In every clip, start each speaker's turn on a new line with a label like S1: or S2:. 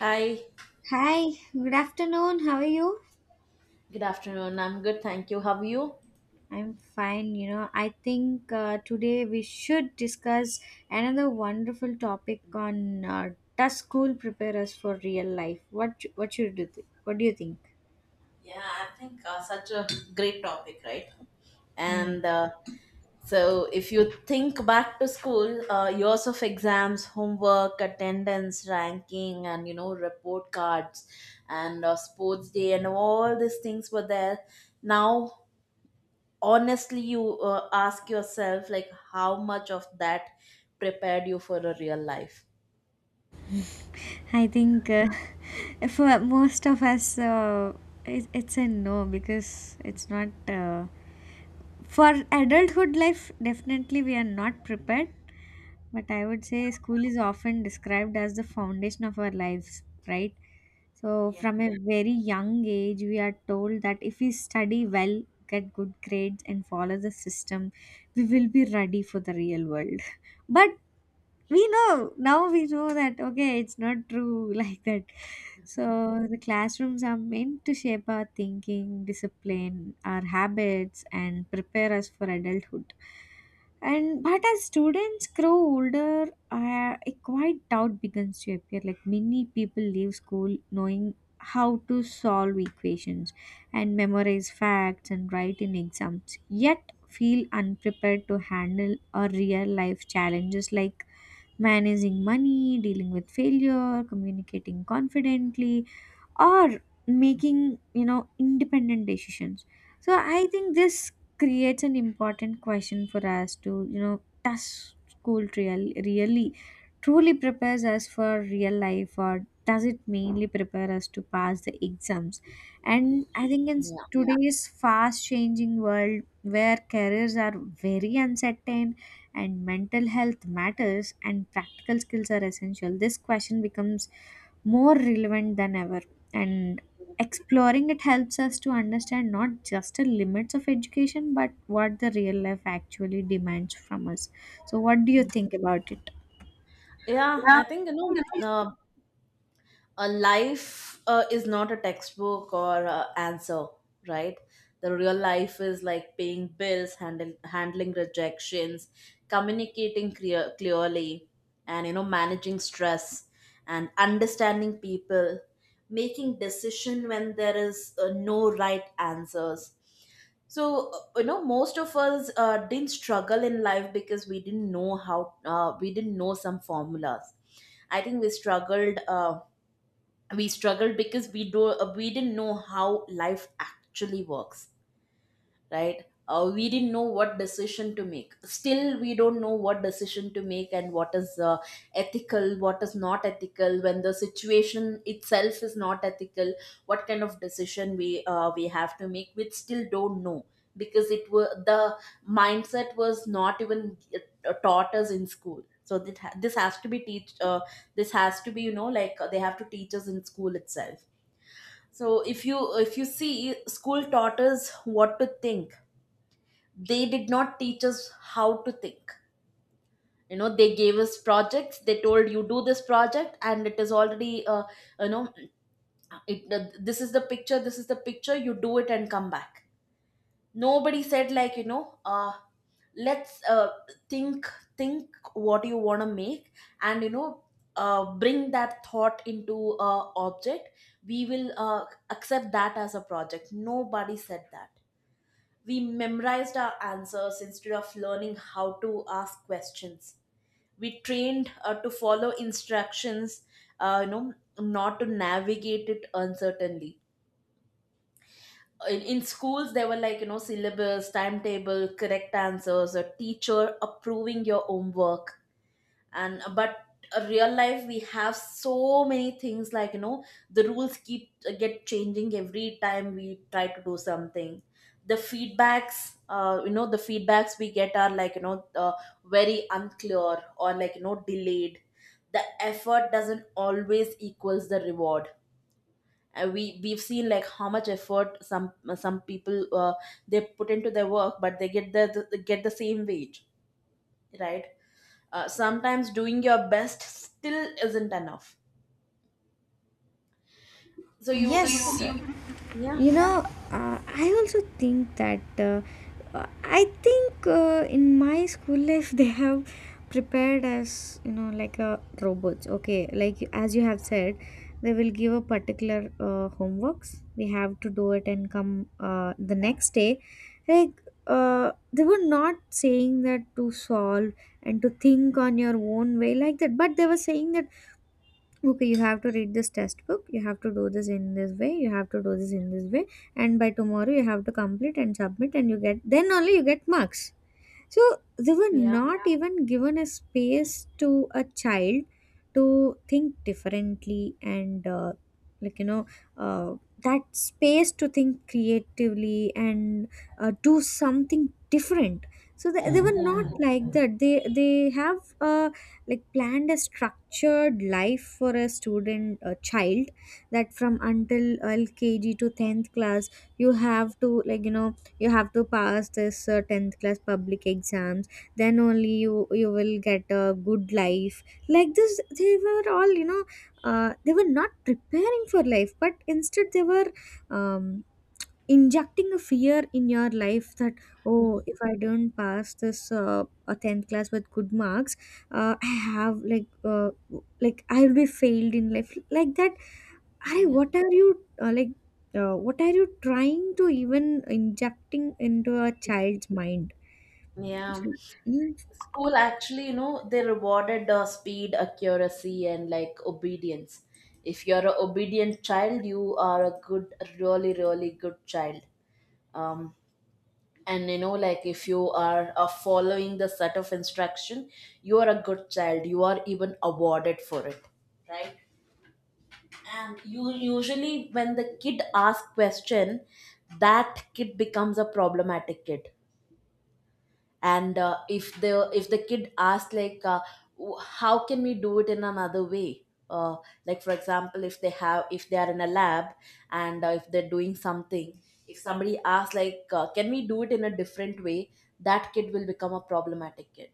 S1: Hi,
S2: Hi, good afternoon. How are you?
S1: good afternoon. I'm good, thank you. How are you?
S2: I'm fine. You know, I think today we should discuss another wonderful topic on does school prepare us for real life? What should do? What do you think?
S1: Yeah, I think such a great topic, right?
S2: Hmm.
S1: And uh, if you think back to school, years of exams, homework, attendance, ranking, and you know, report cards, and sports day, and all these things were there. Now, honestly, you ask yourself, like, how much of that prepared you for a real life?
S2: I think for most of us, it's a no because it's not. For adulthood life, definitely we are not prepared. But I would say school is often described as the foundation of our lives, right? So,
S1: Yeah.
S2: from a very young age, we are told that if we study well, get good grades, and follow the system, we will be ready for the real world. But we know, now we know that, okay, it's not true, like that. So the classrooms are meant to shape our thinking, discipline our habits, and prepare us for adulthood. And but as students grow older, a quiet doubt begins to appear, like, many people leave school knowing how to solve equations and memorize facts and write in exams, yet feel unprepared to handle a real life challenges like managing money, dealing with failure, communicating confidently, or making independent decisions. So I think this creates an important question for us to, does school really truly prepares us for real life, or does it mainly prepare us to pass the exams? And I think in
S1: Yeah,
S2: today's fast changing world, where careers are very uncertain and mental health matters and practical skills are essential, this question becomes more relevant than ever, and exploring it helps us to understand not just the limits of education but what the real life actually demands from us. So what do you think about it?
S1: yeah.
S2: Yeah.
S1: I think a life is not a textbook or a answer, right? The real life is like paying bills, handling rejections, communicating clearly, and you know, managing stress, and understanding people, making decision when there is no right answers. So you know, most of us didn't struggle in life because we didn't know how we didn't know some formulas. I think we struggled because we didn't know how life actually works, right? We didn't know what decision to make. Still, we don't know what decision to make and what is ethical, what is not ethical. When the situation itself is not ethical, what kind of decision we have to make, we still don't know because it was the mindset was not even taught us in school. So this has to be teach. This has to be, you know, like they have to teach us in school itself. So if you see, school taught us what to think. They did not teach us how to think. You know, they gave us projects, they told you do this project and it is already you know it this is the picture, you do it and come back. Nobody said like, you know, let's think think what you want to make, and you know, bring that thought into a object, we will accept that as a project. Nobody said that. We memorized our answers instead of learning how to ask questions. We trained to follow instructions, you know, not to navigate it uncertainly. In schools, there were, like, you know, syllabus, timetable, correct answers, a teacher approving your homework, and but real life we have so many things, like you know, the rules keep get changing every time we try to do something. The feedbacks you know, the feedbacks we get are like, you know, very unclear or like, you know, delayed. The effort doesn't always equals the reward, and we've seen like how much effort some people they put into their work, but they get the same wage, right? Sometimes doing your best still isn't enough. So
S2: Yes.
S1: you can. yeah
S2: You know, I also think that I think in my school life, they have prepared us, like a robots. Okay, like, as you have said, they will give a particular homeworks. We have to do it and come, the next day. Like, they were not saying that to solve and to think on your own way like that, but they were saying that, okay, you have to read this test book, you have to do this in this way, you have to do this in this way, and by tomorrow you have to complete and submit, and you get then only you get marks. So they were
S1: yeah
S2: not even given a space to a child to think differently, and like you know uh, that space to think creatively and do something different. So they were
S1: yeah
S2: not like that. They have, like, planned a structured life for a student, a child, that from until LKG to 10th class, you have to, you have to pass this 10th class public exams, then only you will get a good life. Like this, they were all you know they were not preparing for life, but instead they were um, injecting a fear in your life that, oh, if I don't pass this a 10th class with good marks, I have like, uh, like, I'll be failed in life like that. Arey,
S1: yeah
S2: what are you like? What are you trying to even injecting into a child's mind?
S1: yeah
S2: Yes.
S1: School actually, you know, they rewarded speed, accuracy, and like obedience. If you're a obedient child, you are a good, really really good child. um and you know, like if you are following the set of instruction, you are a good child, you are even awarded for it, right? And you usually when the kid asks question, that kid becomes a problematic kid. And if the kid asks, like, how can we do it in another way? uh, like, for example, if they are in a lab, and if they're doing something, if somebody asks, like, can we do it in a different way, that kid will become a problematic kid.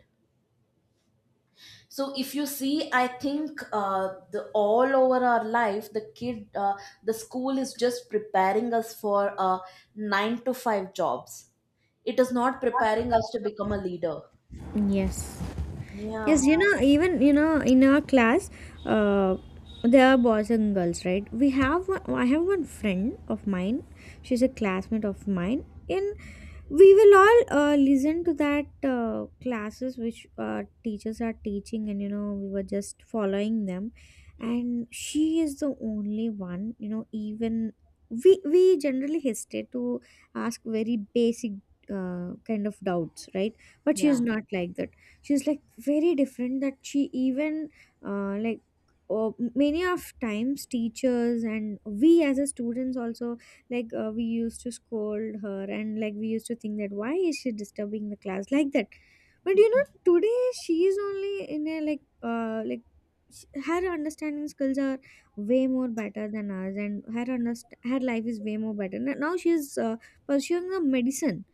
S1: So if you see, I think the all over our life, the school is just preparing us for 9 to 5 jobs. It is not preparing us to become a leader.
S2: Yes.
S1: yeah
S2: Yes, even, in our class, uh, there are boys and girls, right? We have one, I have one friend of mine. She's a classmate of mine. In, we will all listen to that classes which teachers are teaching, and we were just following them. And she is the only one, even we generally hesitate to ask very basic kind of doubts, right? But she is
S1: yeah
S2: not like that. She is like very different, that she even, uh, like many of times teachers, and we as a students also, we used to scold her, and like, we used to think that, why is she disturbing the class like that? But today she is only in a, like, her understanding skills are way more better than ours, and her her life is way more better. Now she is pursuing a medicine.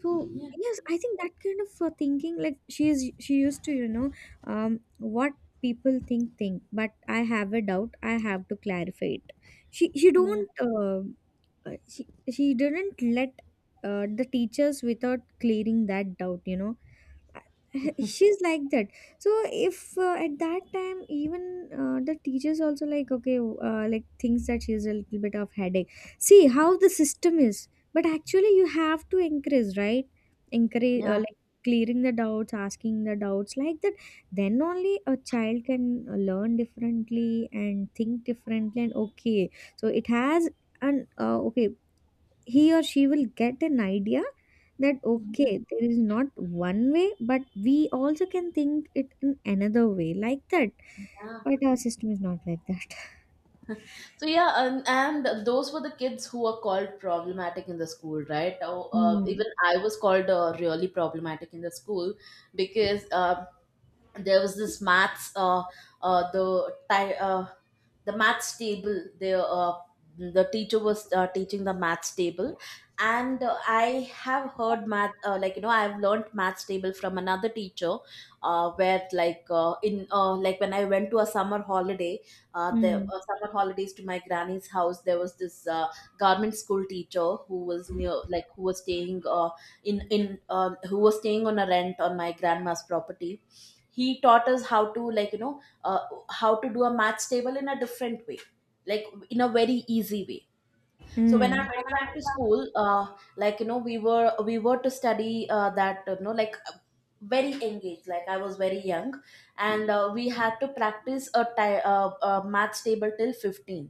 S2: So
S1: yeah
S2: yes, I think that kind of thinking, like, she used to, um, what people think, but I have a doubt, I have to clarify it. She
S1: yeah
S2: don't, uh, she she didn't let the teachers without clearing that doubt, she's like that. So if, at that time, even, the teachers also, like, okay, like, thinks that she's a little bit of headache. See how the system is. But actually you have to encourage, right? Encourage,
S1: yeah
S2: clearing the doubts, asking the doubts, like that. Then only a child can learn differently and think differently, and okay, so it has an, okay, he or she will get an idea that, okay, there is not one way, but we also can think it in another way, like that.
S1: yeah.
S2: But our system is not like that.
S1: So yeah, and those were the kids who were called problematic in the school, right? Oh,
S2: Mm.
S1: even I was called really problematic in the school because there was this uh the ti- uh maths table. The teacher was teaching the maths table, and I have heard math like, you know, I have learned maths table from another teacher, where like in like when I went to a summer holiday, the
S2: Mm.
S1: summer holidays to my granny's house. There was this government school teacher who was near like who was staying in who was staying on a rent on my grandma's property. He taught us how to, like, you know, how to do a maths table in a different way, like in a very easy way. So when I
S2: Mm.
S1: went back to school, like, you know, we were to study, that, you know, very engaged, like I was very young, and we had to practice a maths table till 15.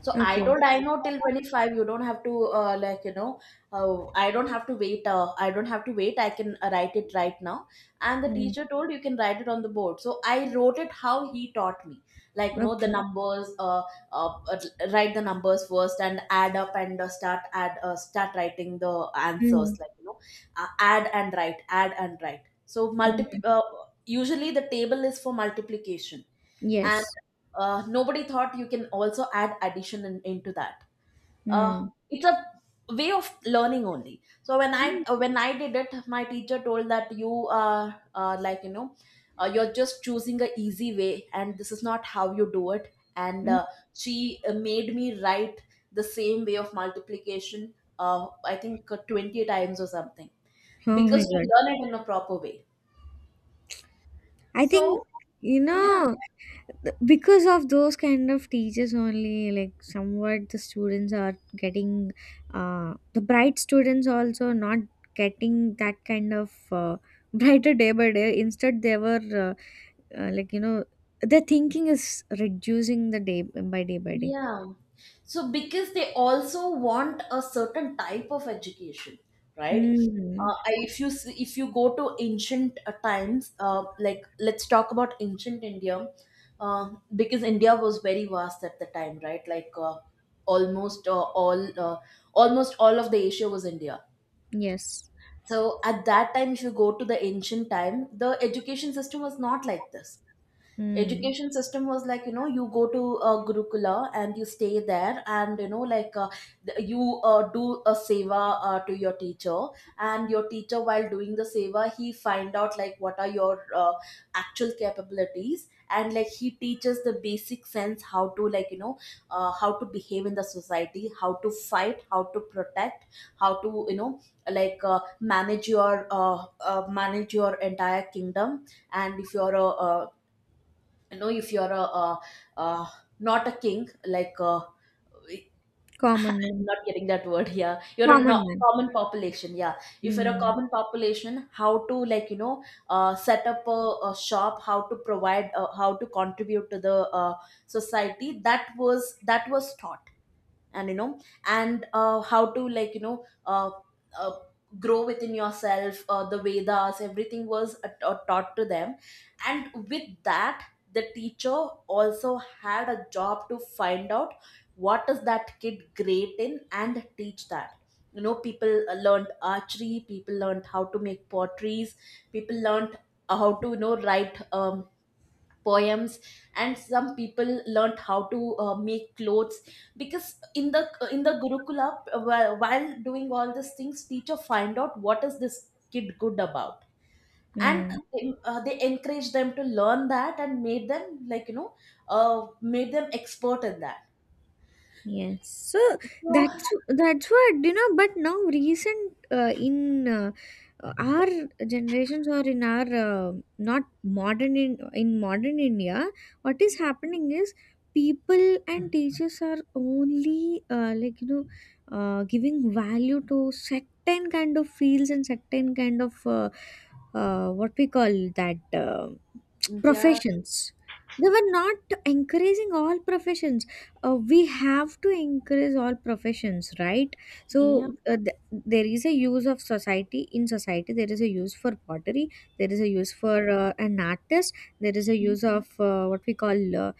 S1: So I
S2: Okay.
S1: told I know till 25, you don't have to. Like, you know, I don't have to wait, I can write it right now. And the
S2: Mm.
S1: teacher told you can write it on the board, so I wrote it how he taught me. Like, you know, the
S2: Okay.
S1: numbers uh, uh, write the numbers first and add up, and start writing the answers,
S2: Mm.
S1: like, you know, add and write, add and write. So multi
S2: Mm.
S1: usually the table is for multiplication, and
S2: Yes.
S1: nobody thought you can also add addition into that. uh,
S2: Mm.
S1: it's a way of learning only. So when I did it, my teacher told that you are, like, you know, you're just choosing a easy way, and this is not how you do it. And
S2: Mm.
S1: she made me write the same way of multiplication, I think 20 times or something,
S2: Oh my
S1: because to
S2: god.
S1: learn it in a proper way.
S2: I think,
S1: So
S2: you
S1: yeah.
S2: know because of those kind of teachers only, like, somewhat the students are getting, the bright students also not getting that kind of brighter day by day. Instead they were, uh, uh, like you know their thinking is reducing the day by day by day.
S1: Yeah. So because they also want a certain type of education, right?
S2: Mm.
S1: If if you go to ancient times, like, let's talk about ancient India, uh, because India was very vast at the time, right? Almost uh, all uh, Almost all of the Asia was India.
S2: Yes.
S1: So at that time, if you go to the ancient time, the education system was not like this.
S2: Mm.
S1: Education system was, like, you know, you go to gurukula and you stay there, and you know, you do a seva to your teacher. And your teacher, while doing the seva, he find out, like, what are your actual capabilities. And like, he teaches the basic sense how to, like, you know, how to behave in the society, how to fight, how to protect, how to, you know, like uh, manage your uh, manage your entire kingdom. And if you're a, you know, if you're a, not a king, like
S2: Common
S1: I'm
S2: man.
S1: not getting that word. Yeah, you're a not
S2: Common man.
S1: common population. Yeah. If you're a
S2: Mm.
S1: common population, how to, like, you know, set up a shop, how to provide, how to contribute to the society, that was taught. And you know, and how to, like, you know, uh, grow within yourself. The vedas, everything was taught to them. And with that, the teacher also had a job to find out what is that kid great in, and teach that. You know, people learned archery, people learned how to make potteries, people learned how to, you know, write poems. And some people learnt how to make clothes. Because in the gurukula, while doing all these things, teacher find out what is this kid good about. And
S2: Mm.
S1: they encourage them to learn that, and made them, like, you know, uh, made them expert in that.
S2: Yes, so
S1: So
S2: that's what. But now, recent, in our generations, or in our, not modern in modern India, what is happening is, people and teachers are only, giving value to certain kind of fields, and certain kind of, what we call, that,
S1: yeah.
S2: professions. They were not encouraging all professions. We have to increase all professions, right?
S1: yeah
S2: So, there is a use of society, in society there is a use for pottery, there is a use for an artist, there is a use of, what we call,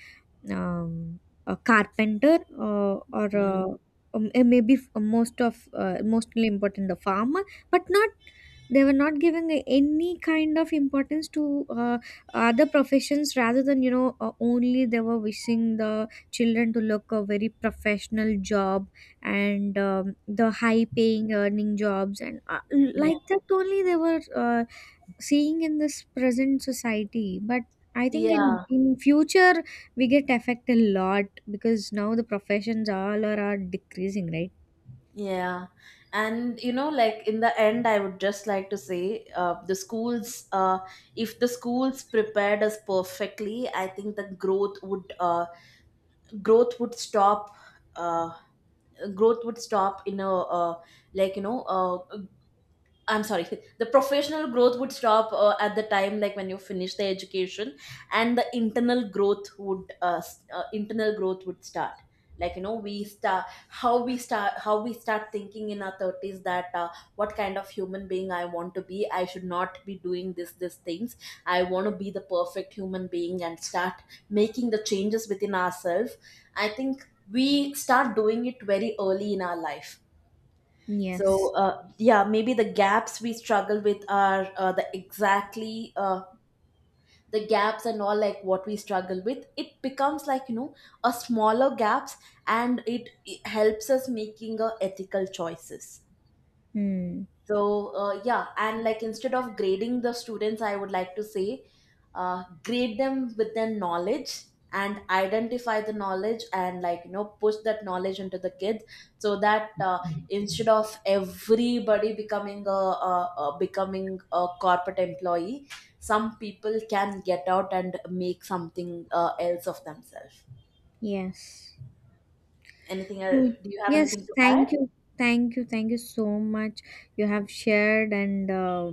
S2: um, a carpenter, or,
S1: yeah
S2: maybe, mostly important, the farmer. But not they were not giving any kind of importance to other professions, rather than, only they were wishing the children to look a very professional job, and the high paying earning jobs, and
S1: yeah
S2: like that, only they were seeing in this present society. But I think in
S1: yeah
S2: future, we get affected a lot, because now the professions all are decreasing, right?
S1: Yeah. And you know, like, in the end, I would just like to say the schools, if the schools prepared us perfectly, I think the growth would stop. Uh, Growth would stop in a, like you know uh, I'm sorry, the professional growth would stop at the time, like, when you finish the education, and the internal growth would internal growth would start. Like, you know, we start how we start how we start thinking in our thirties that what kind of human being I want to be. I should not be doing this things. I want to be the perfect human being and start making the changes within ourselves. I think we start doing it very early in our life.
S2: Yes.
S1: So yeah, maybe the gaps we struggle with are the gaps, and all, like, what we struggle with, it becomes, like, you know, a smaller gaps. And it helps us making ethical choices.
S2: Hmm.
S1: So, yeah, and, like, instead of grading the students, I would like to say grade them with their knowledge, and identify the knowledge, and, like, you know, push that knowledge into the kids, so that instead of everybody becoming a becoming a corporate employee, some people can get out and make something else of themselves.
S2: Yes.
S1: Anything
S2: So,
S1: else, do you have
S2: yes,
S1: anything to
S2: thank
S1: add?
S2: you. Thank you, so much. you have shared and uh,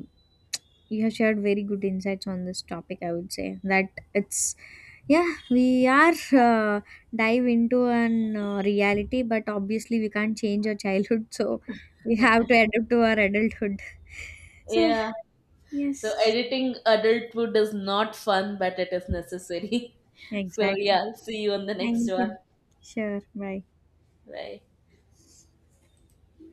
S2: you have shared very good insights on this topic. I would say that it's, yeah, we are, uh, dive into an reality, but obviously we can't change our childhood. So we have to adapt to our adulthood. So
S1: Yeah. So
S2: yes,
S1: editing adulthood is not fun, but it is necessary. So
S2: exactly.
S1: yeah, see you on the next
S2: Thank you.
S1: one.
S2: Sure, bye.
S1: Bye.